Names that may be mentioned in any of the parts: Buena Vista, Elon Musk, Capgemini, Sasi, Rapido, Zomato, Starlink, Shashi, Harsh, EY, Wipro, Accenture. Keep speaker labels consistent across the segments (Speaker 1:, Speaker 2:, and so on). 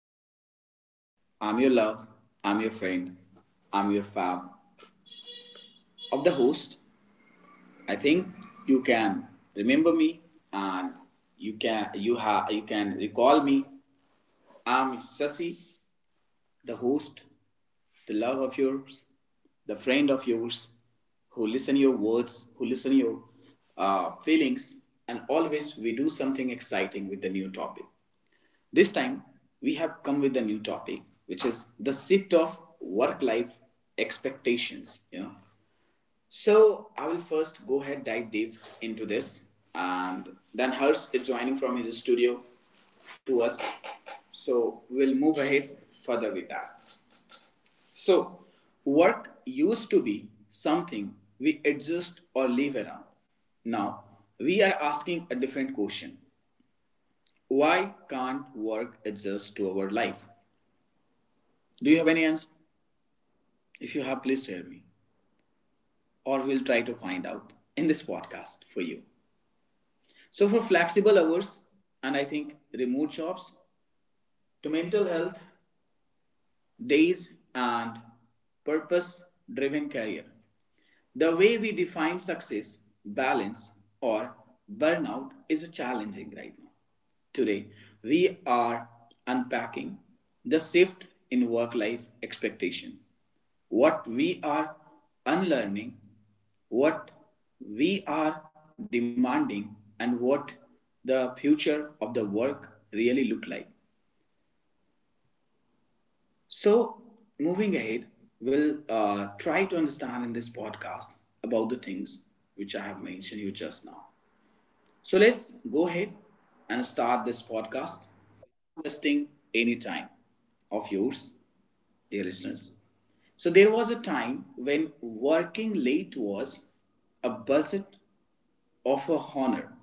Speaker 1: Hi, dear listeners. I'm your love. I'm your friend. I'm your fab of the host. I think you can remember me and you can recall me. I'm Sasi, the host, the love of yours, the friend of yours, who listen your words, who listen your feelings, and always we do something exciting with the new topic. This time, we have come with a new topic, which is the shift of work life expectations. You know, so I will first go ahead dive deep into this, and then Harsh is joining from his studio to us. So we'll move ahead further with that. So, work used to be something we exist or live around. Now, we are asking a different question. Why can't work adjust to our life? Do you have any answer? If you have, please share me, or we'll try to find out in this podcast for you. So, for flexible hours and I think remote jobs, to mental health, days, and purpose driven career. The way we define success, balance, or burnout is challenging right now. Today, we are unpacking the shift in work life expectation, what we are unlearning, what we are demanding, and what the future of the work really look like. So, moving ahead, we'll try to understand in this podcast about the things which I have mentioned you just now. So, let's go ahead and start this podcast. Wasting any time of yours, dear listeners. So, there was a time when working late was a buzzet of a honor.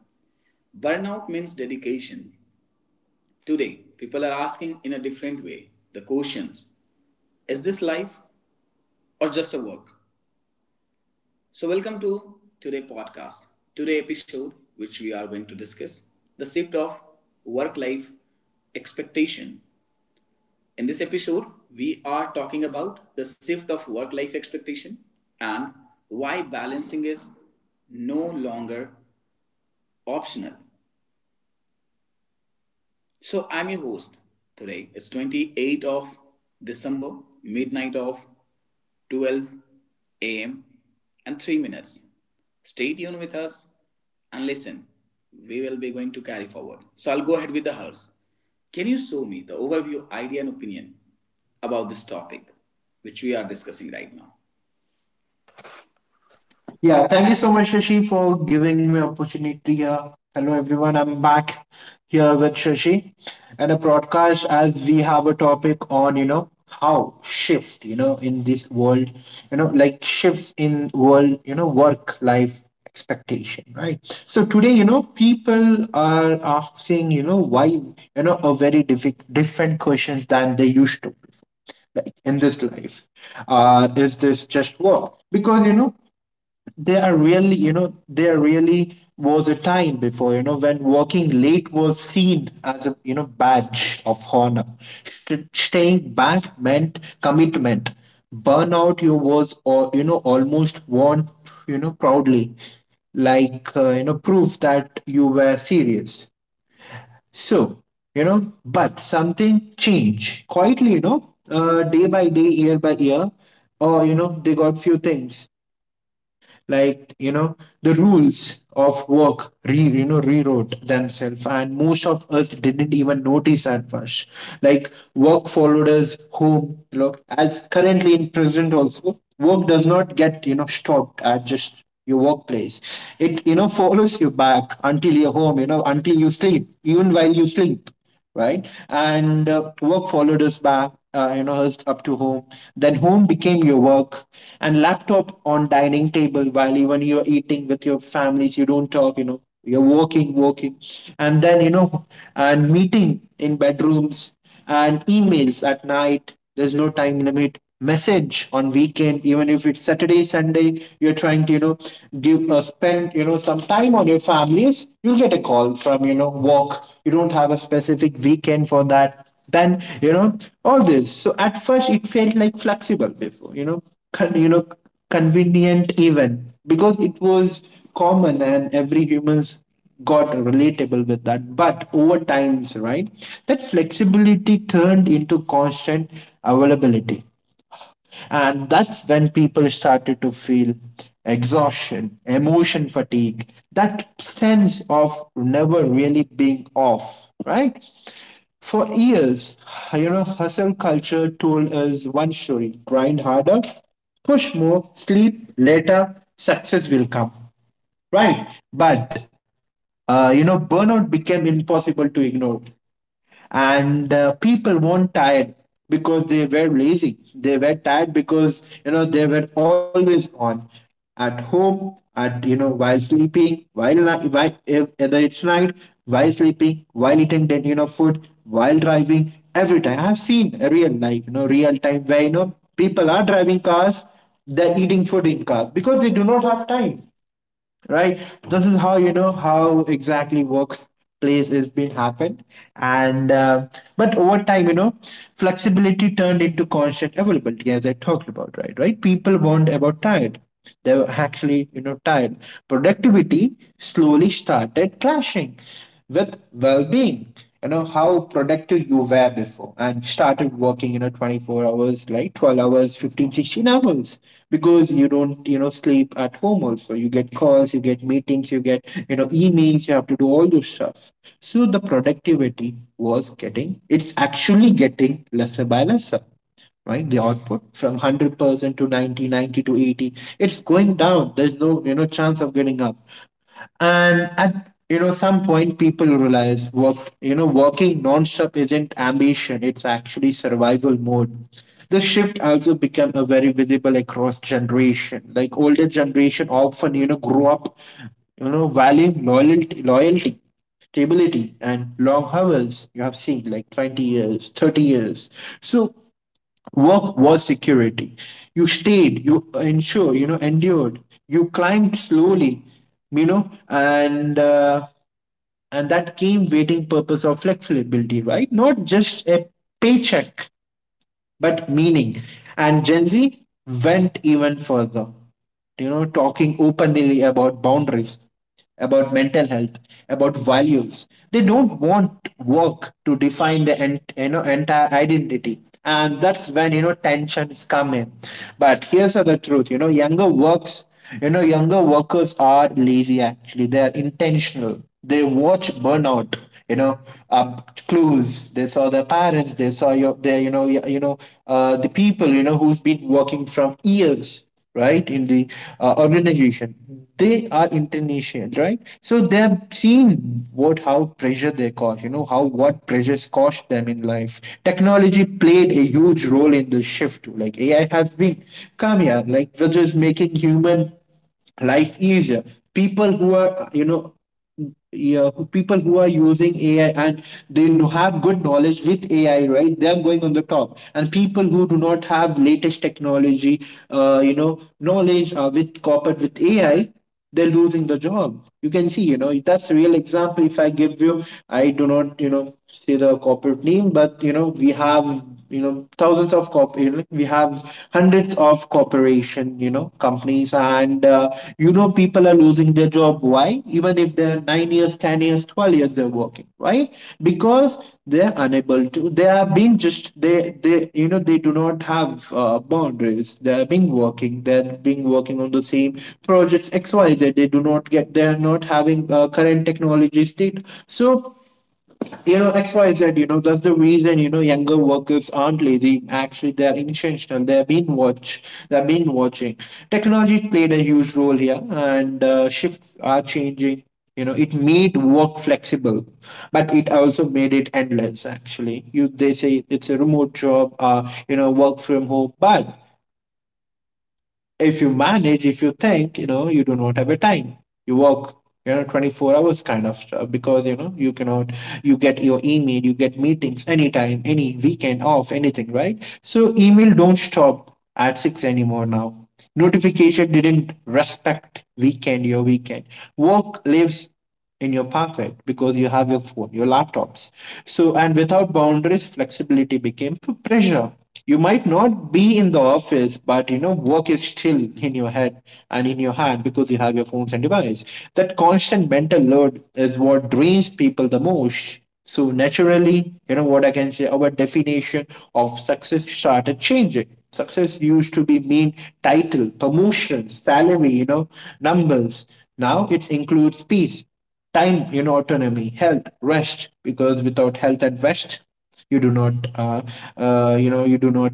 Speaker 1: Burnout means dedication. Today, people are asking in a different way the questions. Is this life or just a work? So welcome to today podcast. Today episode which we are going to discuss the shift of work life expectation. In this episode we are talking about the shift of work life expectation and why balancing is no longer optional. So I'm your host today. It's 28th of December, midnight of 12 a.m. and 3 minutes. Stay tuned with us and listen. We will be going to carry forward. So I'll go ahead with the house. Can you show me the overview, idea, and opinion about this topic which we are discussing right now?
Speaker 2: Yeah, thank you so much, Shashi, for giving me opportunity here. Hello, everyone. I'm back here with Shashi and a broadcast as we have a topic on, how shift, in this world, like shifts in world, work life expectation, right? So today, people are asking, why, a very different questions than they used to like in this life. Is this just work? Because there are really, there really was a time before, when working late was seen as a, badge of honor. Staying back meant commitment. Burnout you was, or you know, almost worn, you know, proudly, like you know, proof that you were serious. So, you know, but something changed quietly, you know, day by day, year by year, or you know, they got few things, like you know, the rules of work re you know, rewrote themselves, and most of us didn't even notice at first. Like, work followed us home, you know, as currently in present also work does not get, you know, stopped at just your workplace. It, you know, follows you back until your home, you know, until you sleep, even while you sleep, right? And work followed us back, you know, us up to home. Then home became your work, and laptop on dining table while even you're eating with your families, you don't talk, you know, you're working, working, and then you know, and meeting in bedrooms and emails at night. There's no time limit. Message on weekend, even if it's Saturday, Sunday, you're trying to, you know, give spend, you know, some time on your families, you'll get a call from, you know, work. You don't have a specific weekend for that. Then, you know, all this. So at first it felt like flexible before, you know, you know, convenient even, because it was common and every humans got relatable with that, but over times, right, that flexibility turned into constant availability, and that's when people started to feel exhaustion, emotion fatigue, that sense of never really being off, right? For years, you know, hustle culture told us one story: grind harder, push more, sleep later, success will come, right? But, you know, burnout became impossible to ignore, and people weren't tired because they were lazy, they were tired because, you know, they were always on, at home, at you know, while sleeping, while if, whether it's night, while sleeping, while eating, then you know food, while driving. Every time I've seen a real life, you know, real time, where you know, people are driving cars, they're eating food in cars because they do not have time, right? This is how, you know, how exactly workplace is being happened. And but over time, you know, flexibility turned into constant availability, as I talked about, right? Right, people weren't about tired, they were actually, you know, tired. Productivity slowly started clashing with well-being. You know how productive you were before, and started working, you know, 24 hours, like 12 hours, 15, 16 hours, because you don't, you know, sleep at home also, you get calls, you get meetings, you get, you know, emails, you have to do all those stuff. So the productivity was getting, it's actually getting lesser by lesser, right? The output from 100% to 90, 90 to 80, it's going down. There's no, you know, chance of getting up. And at, you know, some point, people realize work, you know, working non-stop isn't ambition, it's actually survival mode. The shift also become a very visible across generation. Like older generation often, you know, grew up, you know, valuing loyalty, loyalty, stability, and long hours. You have seen like 20 years, 30 years. So work was security. You stayed, you ensured, you know, endured. You climbed slowly, you know, and that came waiting purpose of flexibility, right? Not just a paycheck but meaning. And Gen Z went even further, you know, talking openly about boundaries, about mental health, about values. They don't want work to define the you know, entire identity. And that's when, you know, tensions come in. But here's the truth, you know, younger works, you know, younger workers are lazy actually. They are intentional. They watch burnout, you know, uh, clues. They saw their parents, they saw your their, you know, the people, you know, who's been working from years, right, in the organization. They are international, right? So they have seen what, how pressure they cause, you know, how what pressures cost them in life. Technology played a huge role in the shift. Like AI has been come here, like, which is making human life easier. People who are, you know, yeah, people who are using AI and they have good knowledge with AI, right? They are going on the top, and people who do not have latest technology, you know, knowledge with coupled with AI, they're losing the job. You can see, you know, that's a real example. If I give you, I do not, you know, say the corporate name, but you know, we have, you know, thousands of corp, we have hundreds of corporation, you know, companies, and you know, people are losing their job. Why? Even if they're 9 years, 10 years, 12 years they're working, why? Because they're unable to, they are being just, they, you know, they do not have boundaries, they're being working, they're being working on the same projects xyz. They do not get, they're not having current technology state. So, you know, XYZ. You know, that's the reason, you know, younger workers aren't lazy. Actually, they're intentional. They've been watch. They've been watching. Technology played a huge role here, and shifts are changing. You know, it made work flexible, but it also made it endless. Actually, you they say it's a remote job. You know, work from home, but if you manage, if you think, you know, you do not have a time. You work, you know, 24 hours kind of stuff because, you know, you cannot, you get your email, you get meetings anytime, any weekend off, anything, right? So email don't stop at 6 anymore now. Notification didn't respect weekend, your weekend. Work lives in your pocket because you have your phone, your laptops. So, and without boundaries, flexibility became pressure. You might not be in the office, but you know, work is still in your head and in your hand, because you have your phones and device. That constant mental load is what drains people the most. So naturally, you know, what I can say, our definition of success started changing. Success used to be mean title, promotion, salary, you know, numbers. Now it includes peace, time, you know, autonomy, health, rest. Because without health and rest, you do not, you know, you do not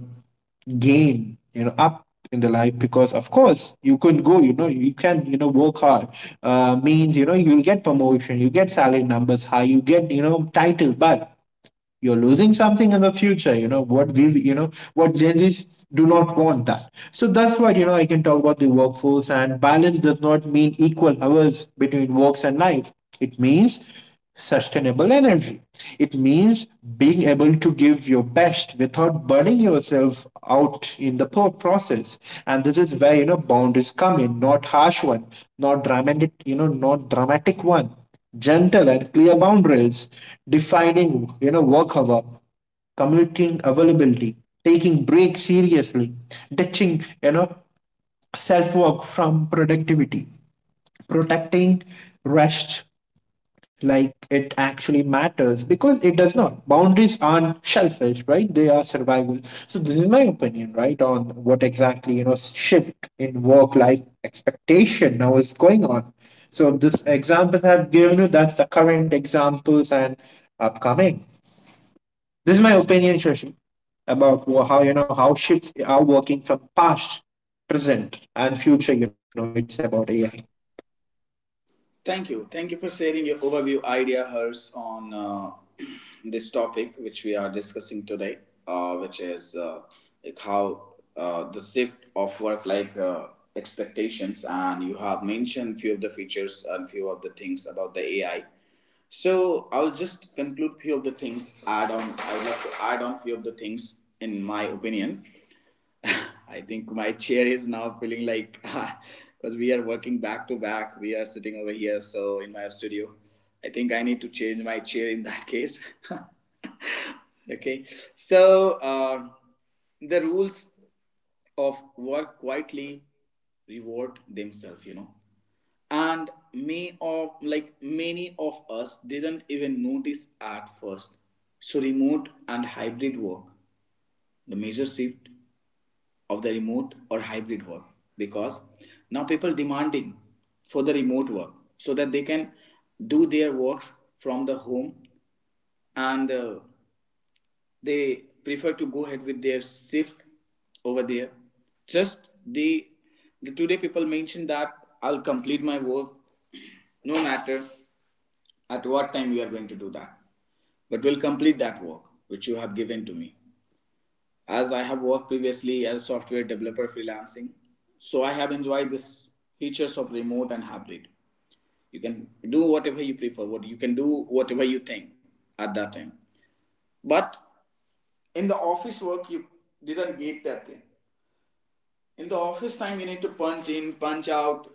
Speaker 2: gain, you know, up in the life. Because of course you could go, you know, you can, you know, work hard, means, you know, you'll get promotion, you get salary numbers high, you get, you know, title, but you're losing something in the future. You know what we, you know, what Gen Z's do not want that. So that's what, you know, I can talk about. The workforce and balance does not mean equal hours between works and life. It means sustainable energy. It means being able to give your best without burning yourself out in the process. And this is where, you know, boundaries come in, not harsh one, not dramatic, you know, not dramatic one, gentle and clear boundaries, defining, you know, work hour, commuting availability, taking breaks seriously, ditching, you know, self work from productivity, protecting rest like it actually matters, because it does not. Boundaries aren't selfish, right? They are survival. So this is my opinion, right, on what exactly, you know, shift in work-life expectation now is going on. So this examples I've given you, that's the current examples and upcoming. This is my opinion, Shashi, about how, you know, how shifts are working from past, present, and future. You know, it's about AI.
Speaker 1: Thank you. Thank you for sharing your overview idea, hers, on this topic which we are discussing today, which is like how the shift of work-life expectations, and you have mentioned few of the features and few of the things about the AI. So I'll just conclude few of the things. Add on. I would like to add on few of the things in my opinion. I think my chair is now feeling like because we are working back to back. We are sitting over here, so in my studio. I think I need to change my chair in that case. Okay, so the rules of work quietly reward themselves, you know, and may of like many of us didn't even notice at first. So remote and hybrid work, the major shift of the remote or hybrid work because now people demanding for the remote work so that they can do their works from the home and they prefer to go ahead with their shift over there just the today people mentioned that I'll complete my work no matter at what time you are going to do that but will complete that work which you have given to me as I have worked previously as a software developer freelancing. So I have enjoyed this features of remote and hybrid. You can do whatever you prefer, what you can do whatever you think at that time. But in the office work you didn't get that thing. In the office time you need to punch in, punch out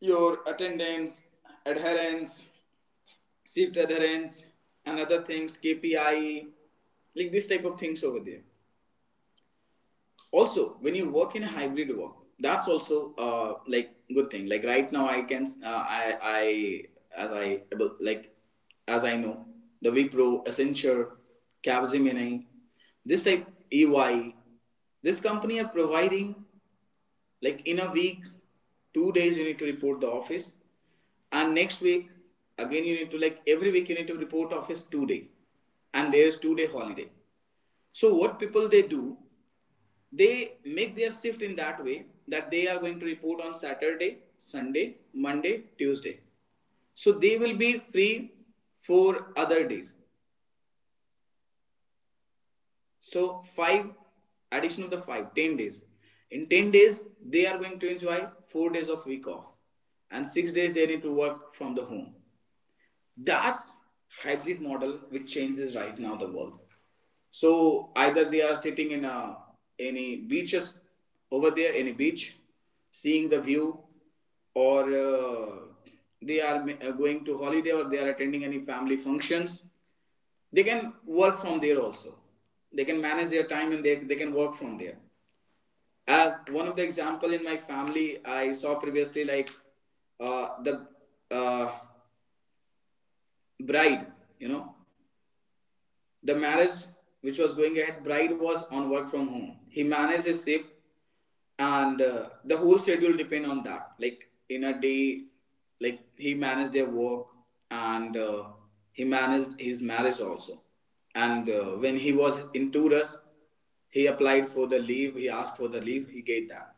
Speaker 1: your attendance, adherence, shift adherence, and other things, KPI, like this type of things over there. Also when you work in a hybrid work that's also like good thing. Like right now I can I as I able- like as I know the Wipro, Accenture, Capgemini, this type, EY, this company are providing like in a week 2 days you need to report the office, and next week again you need to, like every week you need to report office 2 day, and there's 2 day holiday. So what people they do, they make their shift in that way that they are going to report on Saturday, Sunday, Monday, Tuesday. So they will be free for other days. So five addition of the 5 10 days. In 10 days, they are going to enjoy 4 days of week off and 6 days they need to work from the home. That's hybrid model which changes right now the world. So either they are sitting in a any beaches over there, any beach, seeing the view, or going to holiday or they are attending any family functions. They can work from there also. They can manage their time and they can work from there. As one of the example in my family, I saw previously like the uh, bride, you know, the marriage, which was going ahead, bride was on work from home. He managed his shift, and the whole schedule depend on that. Like in a day, like he managed their work, and he managed his marriage also. And when he was in Tours, he applied for the leave. He asked for the leave. He gave that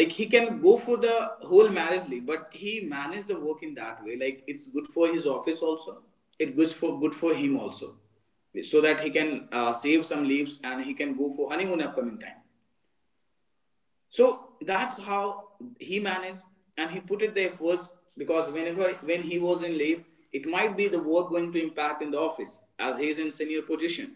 Speaker 1: like he can go for the whole marriage leave, but he managed the work in that way, like it's good for his office also, it goes for good for him also, so that he can save some leaves and he can go for honeymoon upcoming time. So that's how he managed, and he put it there first because whenever when he was in leave it might be the work going to impact in the office as he is in senior position,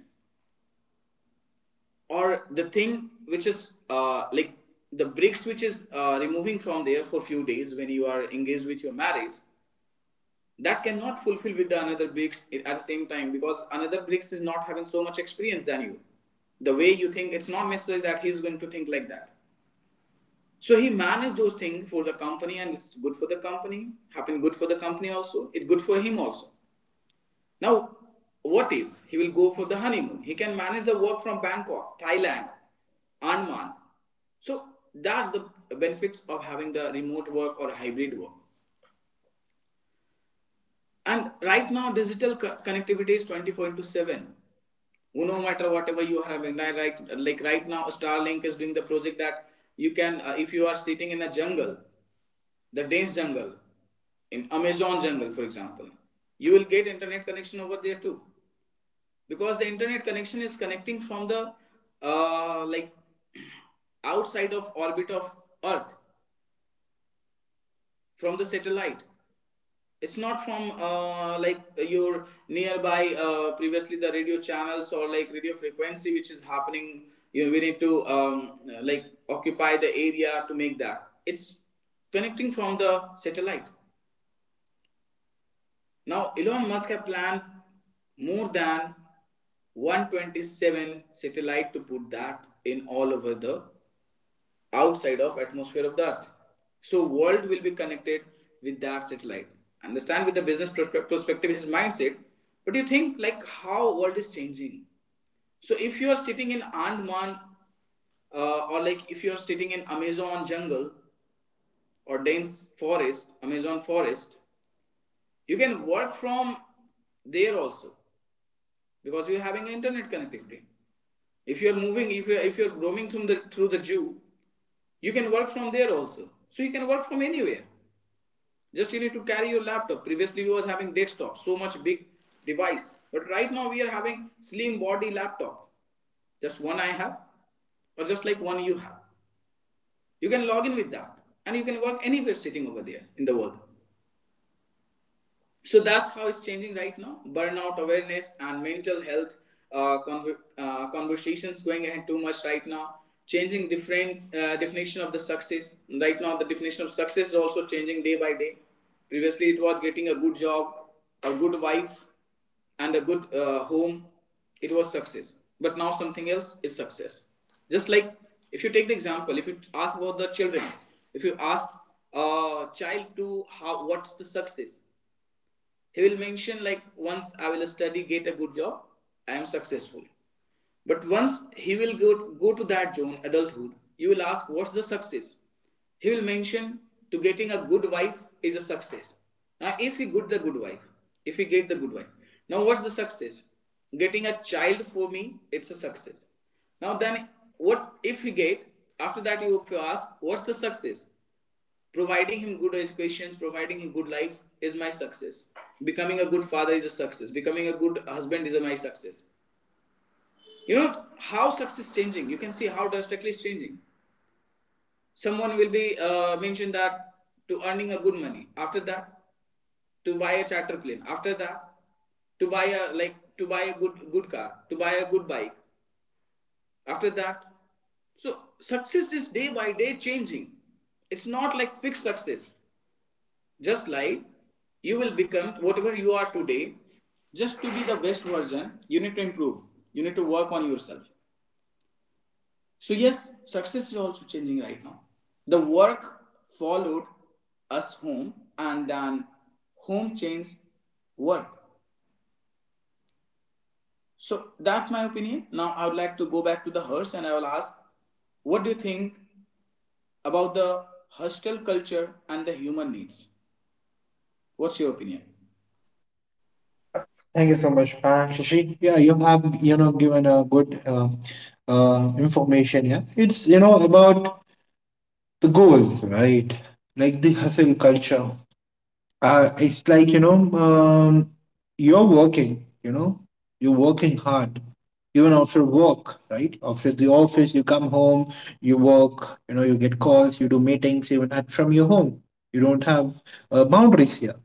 Speaker 1: or the thing which is like the bricks which is removing from there for few days when you are engaged with your marriage, that cannot fulfill with the another bricks at the same time because another bricks is not having so much experience than you, the way you think. It's not necessary that he is going to think like that. So he managed those things for the company, and it's good for the company happened good for the company also. It's good for him also. Now, what if he will go for the honeymoon? He can manage the work from Bangkok, Thailand, Andaman. So that's the benefits of having the remote work or hybrid work. And right now, digital co- connectivity is 24 into 7. No matter whatever you are having, like right now, Starlink is doing the project that you can, if you are sitting in a jungle, the dense jungle, in Amazon jungle, for example, you will get internet connection over there too. Because the internet connection is connecting from the like outside of orbit of earth, from the satellite. It's not from like your nearby previously the radio channels or like radio frequency which is happening. You know, we need to like occupy the area to make that it's connecting from the satellite. Now, Elon Musk has planned more than 127 satellite to put that in all over the outside of atmosphere of the Earth. So, world will be connected with that satellite. Understand with the business perspective, his mindset. But you think like how world is changing. So, if you are sitting in Andaman or like if you're sitting in Amazon jungle or dense forest, Amazon forest, you can work from there also. Because you're having internet connectivity. If you're moving, if you're roaming through the Jew, you can work from there also. So you can work from anywhere. Just you need to carry your laptop. Previously we was having desktop, so much big device, but right now we are having slim body laptop. Just one I have, or just like one you have. You can log in with that, and you can work anywhere sitting over there in the world. So that's how it's changing right now. Burnout awareness and mental health uh, con conversations going ahead too much right now, changing different definition of the success. Right now the definition of success is also changing day by day. Previously it was getting a good job, a good wife, and a good home. It was success, but now something else is success. Just like, if you take the example, if you ask about the children, if you ask a child to, how, what's the success? He will mention like, once I will study, get a good job, I am successful. But once he will go to that zone, adulthood, you will ask what's the success. He will mention to getting a good wife is a success. Now if he get the good wife, if he get the good wife now what's the success? Getting a child for me, it's a success. Now then, what if he get, after that, you, if you ask what's the success? Providing him good educations, providing him good life is my success. Becoming a good father is a success. Becoming a good husband is my success. You know how success is changing. You can see how drastically it's changing. Someone will be mentioned that to earning a good money. After that, to buy a charter plane. After that, to buy a like to buy a good car. To buy a good bike. After that, so success is day by day changing. It's not like fixed success. Just like, you will become whatever you are today, just to be the best version, you need to improve. You need to work on yourself. So, yes, success is also changing right now. The work followed us home, and then home changed work. So, that's my opinion. Now, I would like to go back to the hearse and I will ask, what do you think about the hostel culture and the human needs? What's your opinion?
Speaker 2: Thank you so much, Shashi. Yeah, you have, you know, given a good, information. Yeah, it's, you know, about the goals, right? Like the hustle culture. It's like, you know, you're working. You know, you're working hard. Even after work, right? After the office, you come home, you work. You know, you get calls, you do meetings, even at from your home. You don't have boundaries here.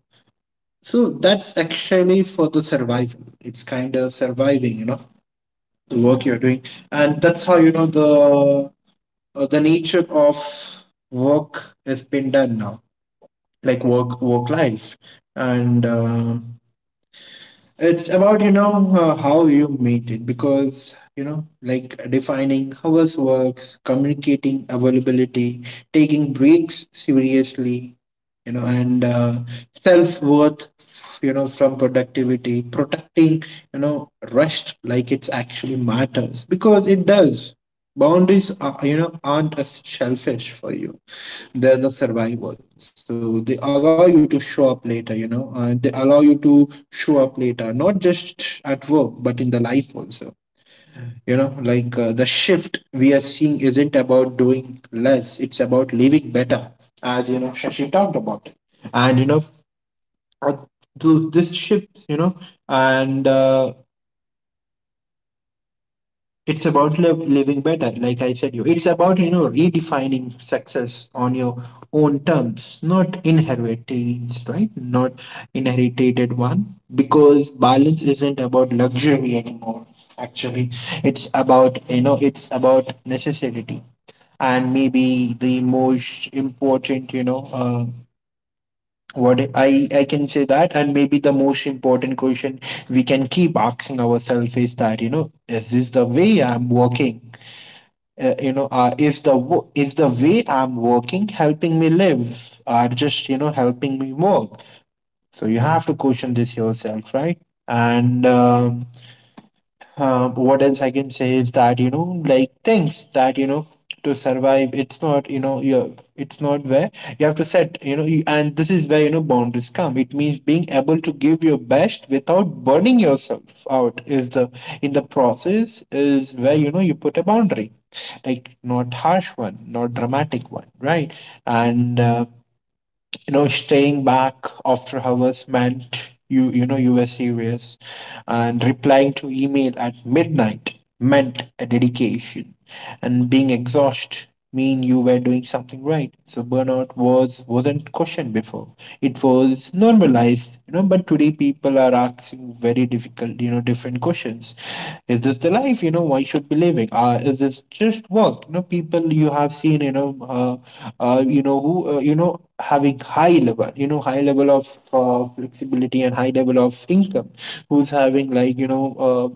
Speaker 2: So that's actually for the survival. It's kind of surviving, the work you're doing, and that's how the nature of work has been done now, like work life, and it's about, how you meet it because, like defining hours works, communicating availability, taking breaks seriously, you know, and self worth, from productivity, protecting, rest, like it's actually matters because it does. Boundaries are, aren't as selfish for you. They're the survival. So they allow you to show up later, and they allow you to show up later, not just at work, but in the life also. The shift we are seeing isn't about doing less, it's about living better, as you know, Shashi talked about. And you know, uh, th- This shift, you know, and it's about living better like I said you, it's about redefining success on your own terms, not inheritance, right? Not inherited one, because balance isn't about luxury anymore, actually. It's about, it's about necessity. And maybe the most important, what I can say that, and maybe the most important question we can keep asking ourselves is that, is this the way I'm walking? Is the way I'm working helping me live, or just, helping me work? So you have to question this yourself, right? and What else I can say is that, like things that, to survive, it's not, you know you it's not where you have to set, and this is where, boundaries come. It means being able to give your best without burning yourself out is the, in the process is where, you put a boundary, like not harsh one, not dramatic one, right? and you know staying back after hours meant you were serious, and replying to email at midnight meant a dedication, and being exhausted mean you were doing something right. So burnout was, wasn't questioned before. It was normalized, but today many people are asking very difficult, you know, different questions. Is this the life? You know, why should be living? Is this just work? You know, people you have seen, uh, who, having high level, high level of flexibility and high level of income, who's having like, you know,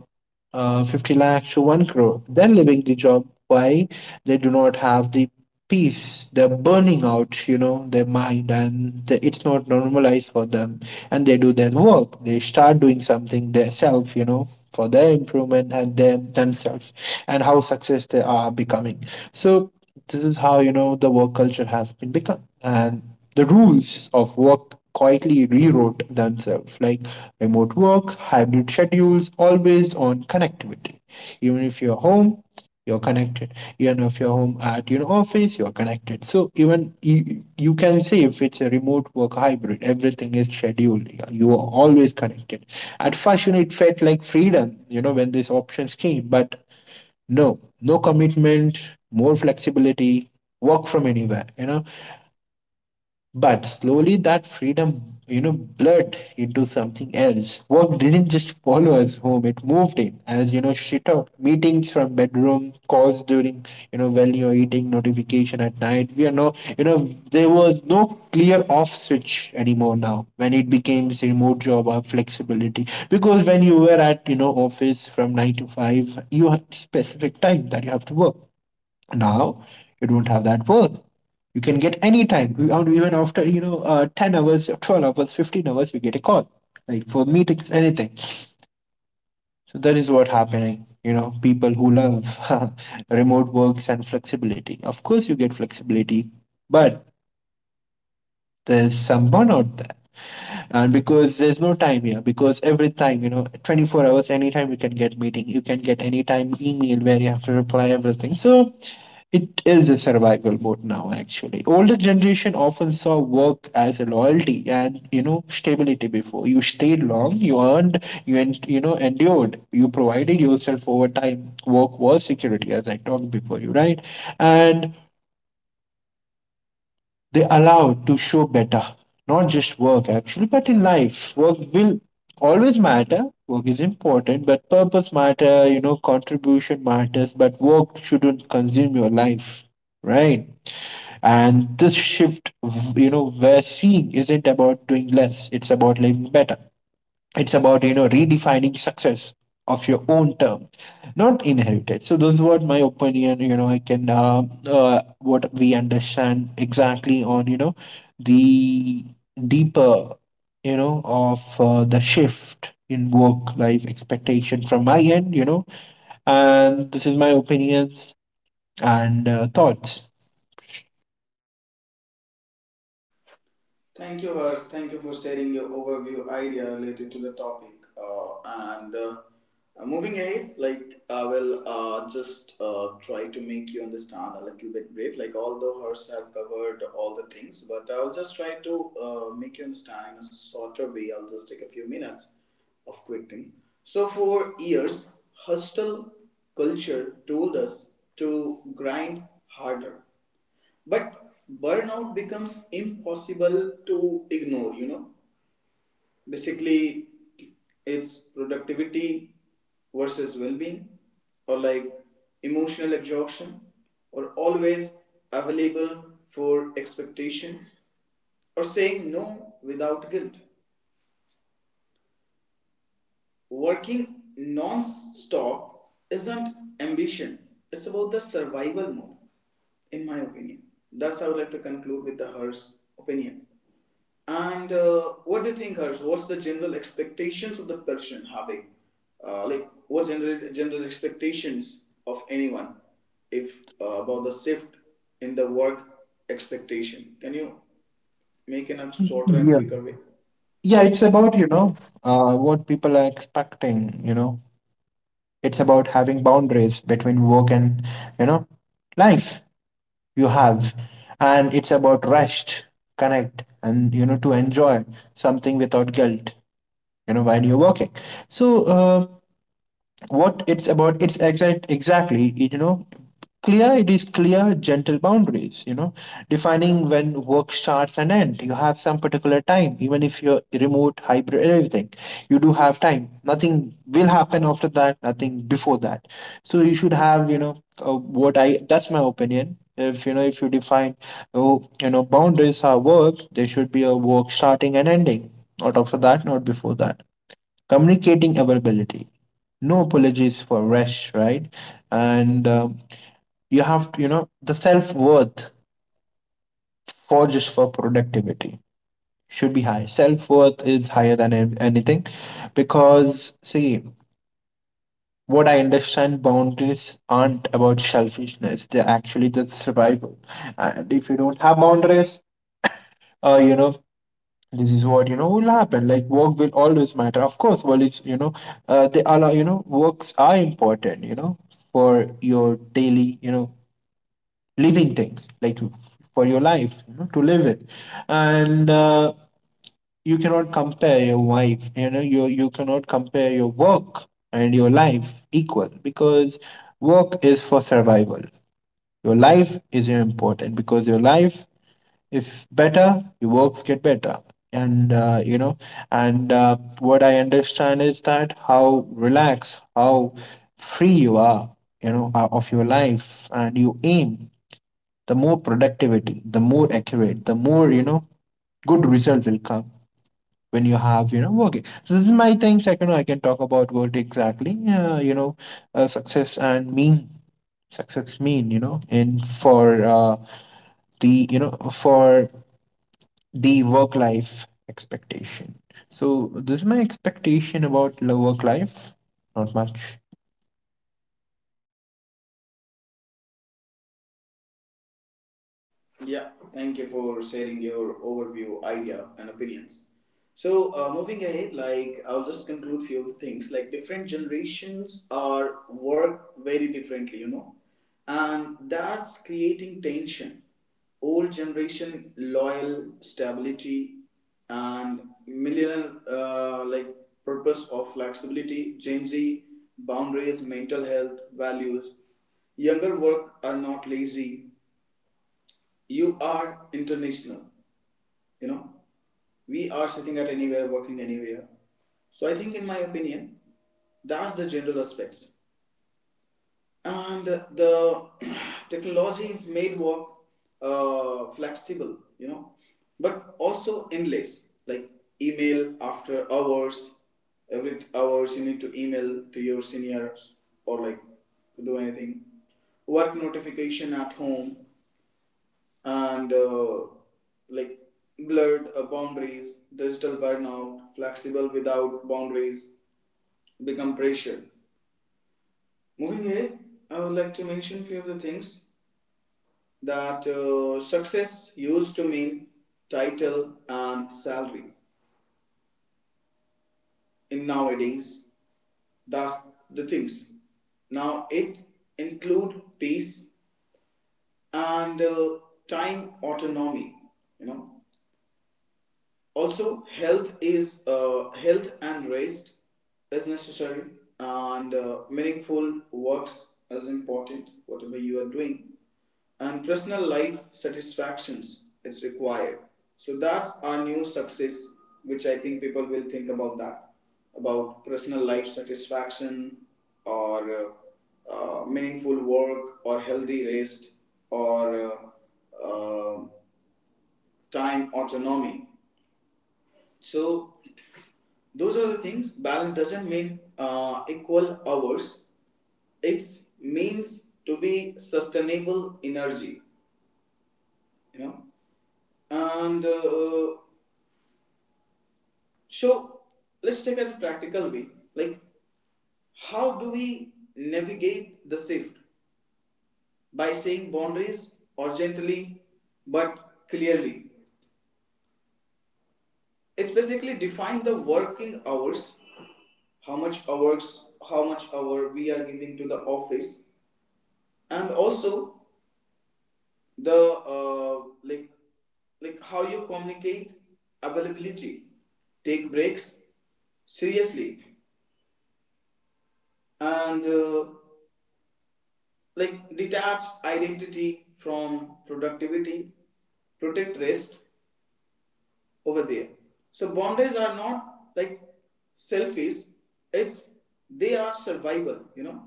Speaker 2: uh, uh, 50 lakhs to 1 crore. They're leaving the job. Why? They do not have the peace. They're burning out, you know, their mind. And the, it's not normalized for them. And they do their work. They start doing something themselves, you know, for their improvement and their, themselves, and how success they are becoming. So this is how, you know, the work culture has been become. And the rules of work quietly rewrote themselves, like remote work, hybrid schedules, always on connectivity. Even if you're home, you're connected. Even if you're home at your office, you're connected. So even you, you can say if it's a remote work hybrid, everything is scheduled. You are always connected. At first, you know, it felt like freedom, you know, when these options came, but no, no commitment, more flexibility, work from anywhere, you know, but slowly that freedom, you know, blurred into something else. Work didn't just follow us home, it moved in. As you know, she talked. Meetings from bedroom, calls during, you know, while you're eating, notification at night. We are no, you know, there was no clear off switch anymore now, when it became this remote job or flexibility. Because when you were at, you know, office from 9 to 5, you had specific time that you have to work. Now you don't have that work. You can get any time. And even after, 10 hours, 12 hours, 15 hours, you get a call like for meetings, anything. So that is what happening. You know, people who love remote works and flexibility. Of course, you get flexibility, but there's some burnout there. And because there's no time here, because every time, you know, 24 hours, anytime you can get meeting, you can get anytime email where you have to reply everything. So it is a survival mode now, actually. Older generation often saw work as a loyalty and, you know, stability. Before you stayed long, you earned, you en- you know endured, you provided yourself over time. Work was security, as I talked before you, right? And they allowed to show better, not just work actually, but in life. Work will always matter. Work is important, but purpose matter. You know, contribution matters, but work shouldn't consume your life, right? And this shift, you know, we're seeing isn't about doing less, it's about living better. It's about, you know, redefining success of your own term, not inherited. So, those were my opinion, you know, what we understand exactly on, you know, the deeper, you know, of the shift in work life expectation from my end, you know, and this is my opinions and thoughts.
Speaker 1: Thank you, Hers. Thank you for sharing your overview idea related to the topic. And Moving ahead, like I will just try to make you understand a little bit brief. Like although Hers have covered all the things, but I'll just try to make you understand in a shorter way. I'll just take a few minutes of quick thing. So for years, hostile culture told us to grind harder, but burnout becomes impossible to ignore, you know. Basically, it's productivity versus well being, or like emotional exhaustion, or always available for expectation, or saying no without guilt. Working non stop isn't ambition, it's about the survival mode, in my opinion. That's how I would like to conclude with the HERS opinion. And what do you think, Harsh? What's the general expectations of the person having? Like, what general expectations of anyone if about the shift in the work expectation? Can you make in a shorter and
Speaker 2: Yeah.
Speaker 1: quicker way?
Speaker 2: Yeah, it's about, what people are expecting, you know. It's about having boundaries between work and, you know, life you have. And it's about rest, connect, and, you know, to enjoy something without guilt, you know, while you're working. So, what it's about, it's exactly you know, clear it is clear gentle boundaries, you know, defining when work starts and end. You have some particular time, even if you're remote hybrid everything, you do have time. Nothing will happen after that, nothing before that. So you should have, you know, what I that's my opinion. If, you know, if you define, oh, you know, boundaries are work, there should be a work starting and ending, not after that, not before that. Communicating availability, no apologies for rest, right? and you have to, you know, the self-worth for just for productivity should be high. Self-worth is higher than anything. Because see, what I understand, boundaries aren't about selfishness, they're actually the survival. And if you don't have boundaries, uh, you know this is what, you know, will happen. Like work will always matter, of course, well it's, they allow, you know, works are important, you know, for your daily, you know, living things, like for your life, you know, to live it. And you cannot compare your wife, you know, you cannot compare your work and your life equal, because work is for survival, your life is important. Because your life, if better, your works get better. And you know and what I understand is that, how relaxed, how free you are, you know, of your life and you aim, the more productivity, the more accurate, the more, you know, good result will come when you have, you know, working. So this is my things. I can talk about what exactly, success and mean. Success mean, you know, and for, the, you know, for the work life expectation. So this is my expectation about work life. Not much.
Speaker 1: Yeah, thank you for sharing your overview, idea, and opinions. So, moving ahead, like I'll just conclude few of the things. Like different generations are work very differently, you know, and that's creating tension. Old generation loyal stability, and millennial like purpose of flexibility. Gen Z boundaries, mental health, values. Younger work are not lazy, you are international, you know, we are sitting at anywhere, working anywhere. So I think in my opinion that's the general aspects. And the technology made work flexible, you know, but also endless, like email after hours, every hours you need to email to your seniors, or like to do anything, work notification at home, and like blurred boundaries, digital burnout, flexible without boundaries become pressure. Moving ahead, I would like to mention few of the things that success used to mean title and salary. In nowadays, that's the things. Now it include peace and time autonomy. You know, also health is health and rest is necessary, and meaningful works is important whatever you are doing, and personal life satisfactions is required. So that's our new success, which I think people will think about that, about personal life satisfaction, or meaningful work, or healthy rest, or time autonomy. So those are the things. Balance doesn't mean equal hours, it means to be sustainable energy, you know. And So let's take as a practical way, like how do we navigate the shift by saying boundaries or gently but clearly. It's basically define the working hours, how much hours, how much hour we are giving to the office, and also the like how you communicate availability, take breaks seriously, and like detach identity from productivity, protect rest over there. So boundaries are not like selfish, it's, they are survival, you know.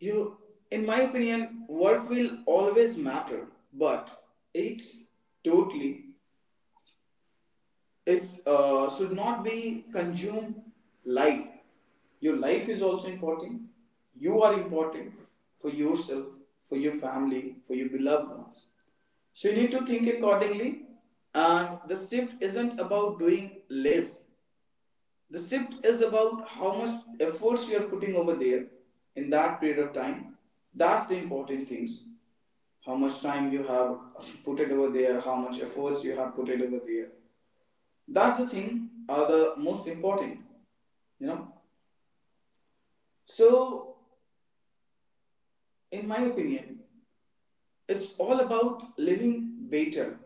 Speaker 1: You, in my opinion, work will always matter, but it's totally, it's should not be consumed life. Your life is also important. You are important for yourself, for your family, for your beloved ones. So you need to think accordingly. And the shift isn't about doing less, the shift is about how much efforts you are putting over there in that period of time. That's the important things. How much time you have put it over there, how much efforts you have put it over there, that's the thing are the most important, you know. So in my opinion, it's all about living better.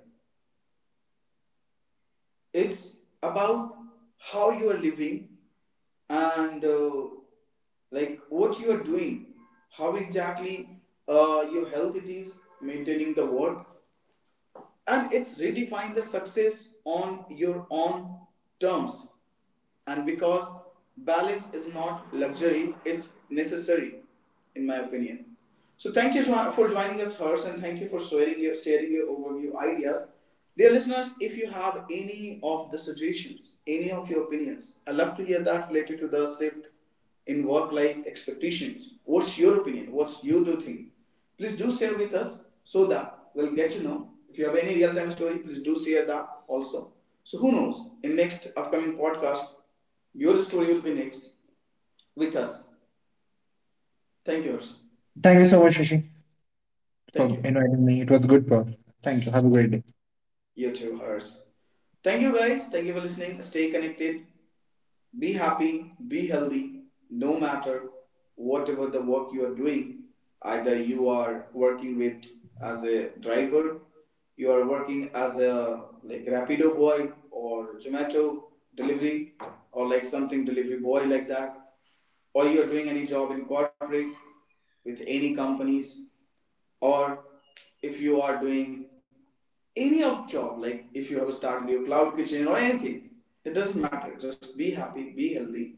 Speaker 1: It's about how you are living, and like what you are doing, how exactly your health it is maintaining the work, and it's redefine the success on your own terms. And because balance is not luxury, it's necessary, in my opinion. So thank you for joining us, Hers, and thank you for sharing your overview ideas. Dear listeners, if you have any of the suggestions, any of your opinions, I love to hear that related to the shift in work life expectations. What's your opinion? What's you do think? Please do share with us so that we'll get to know. If you have any real time story, please do share that also. So who knows? In next upcoming podcast, your story will be next with us. Thank you, Harsh.
Speaker 2: Thank you so much, Rishi,
Speaker 1: Thank
Speaker 2: for
Speaker 1: you.
Speaker 2: inviting me. It was a good pod. Thank you. Have a great day.
Speaker 1: You too, Harsh. Thank you guys. Thank you for listening. Stay connected. Be happy, be healthy, no matter whatever the work you are doing. Either you are working with as a driver, you are working as a like Rapido boy or Zomato delivery, or like something delivery boy like that, or you are doing any job in corporate with any companies, or if you are doing any of job, like if you have started your cloud kitchen or anything, it doesn't matter. Just be happy, be healthy,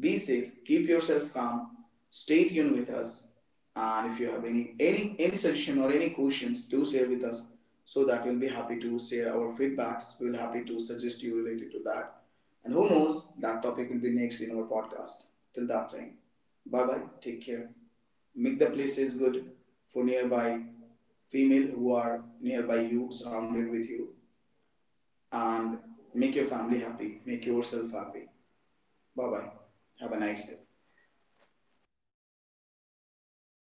Speaker 1: be safe, keep yourself calm, stay tuned with us. And if you have any any suggestion or any questions, do share with us, so that we'll be happy to share our feedbacks, we'll be happy to suggest you related to that, and who knows, that topic will be next in our podcast. Till that time, bye bye, take care. Make the places good for nearby female who are nearby you, surrounded with you, and make your family happy. Make yourself happy. Bye bye. Have a nice day.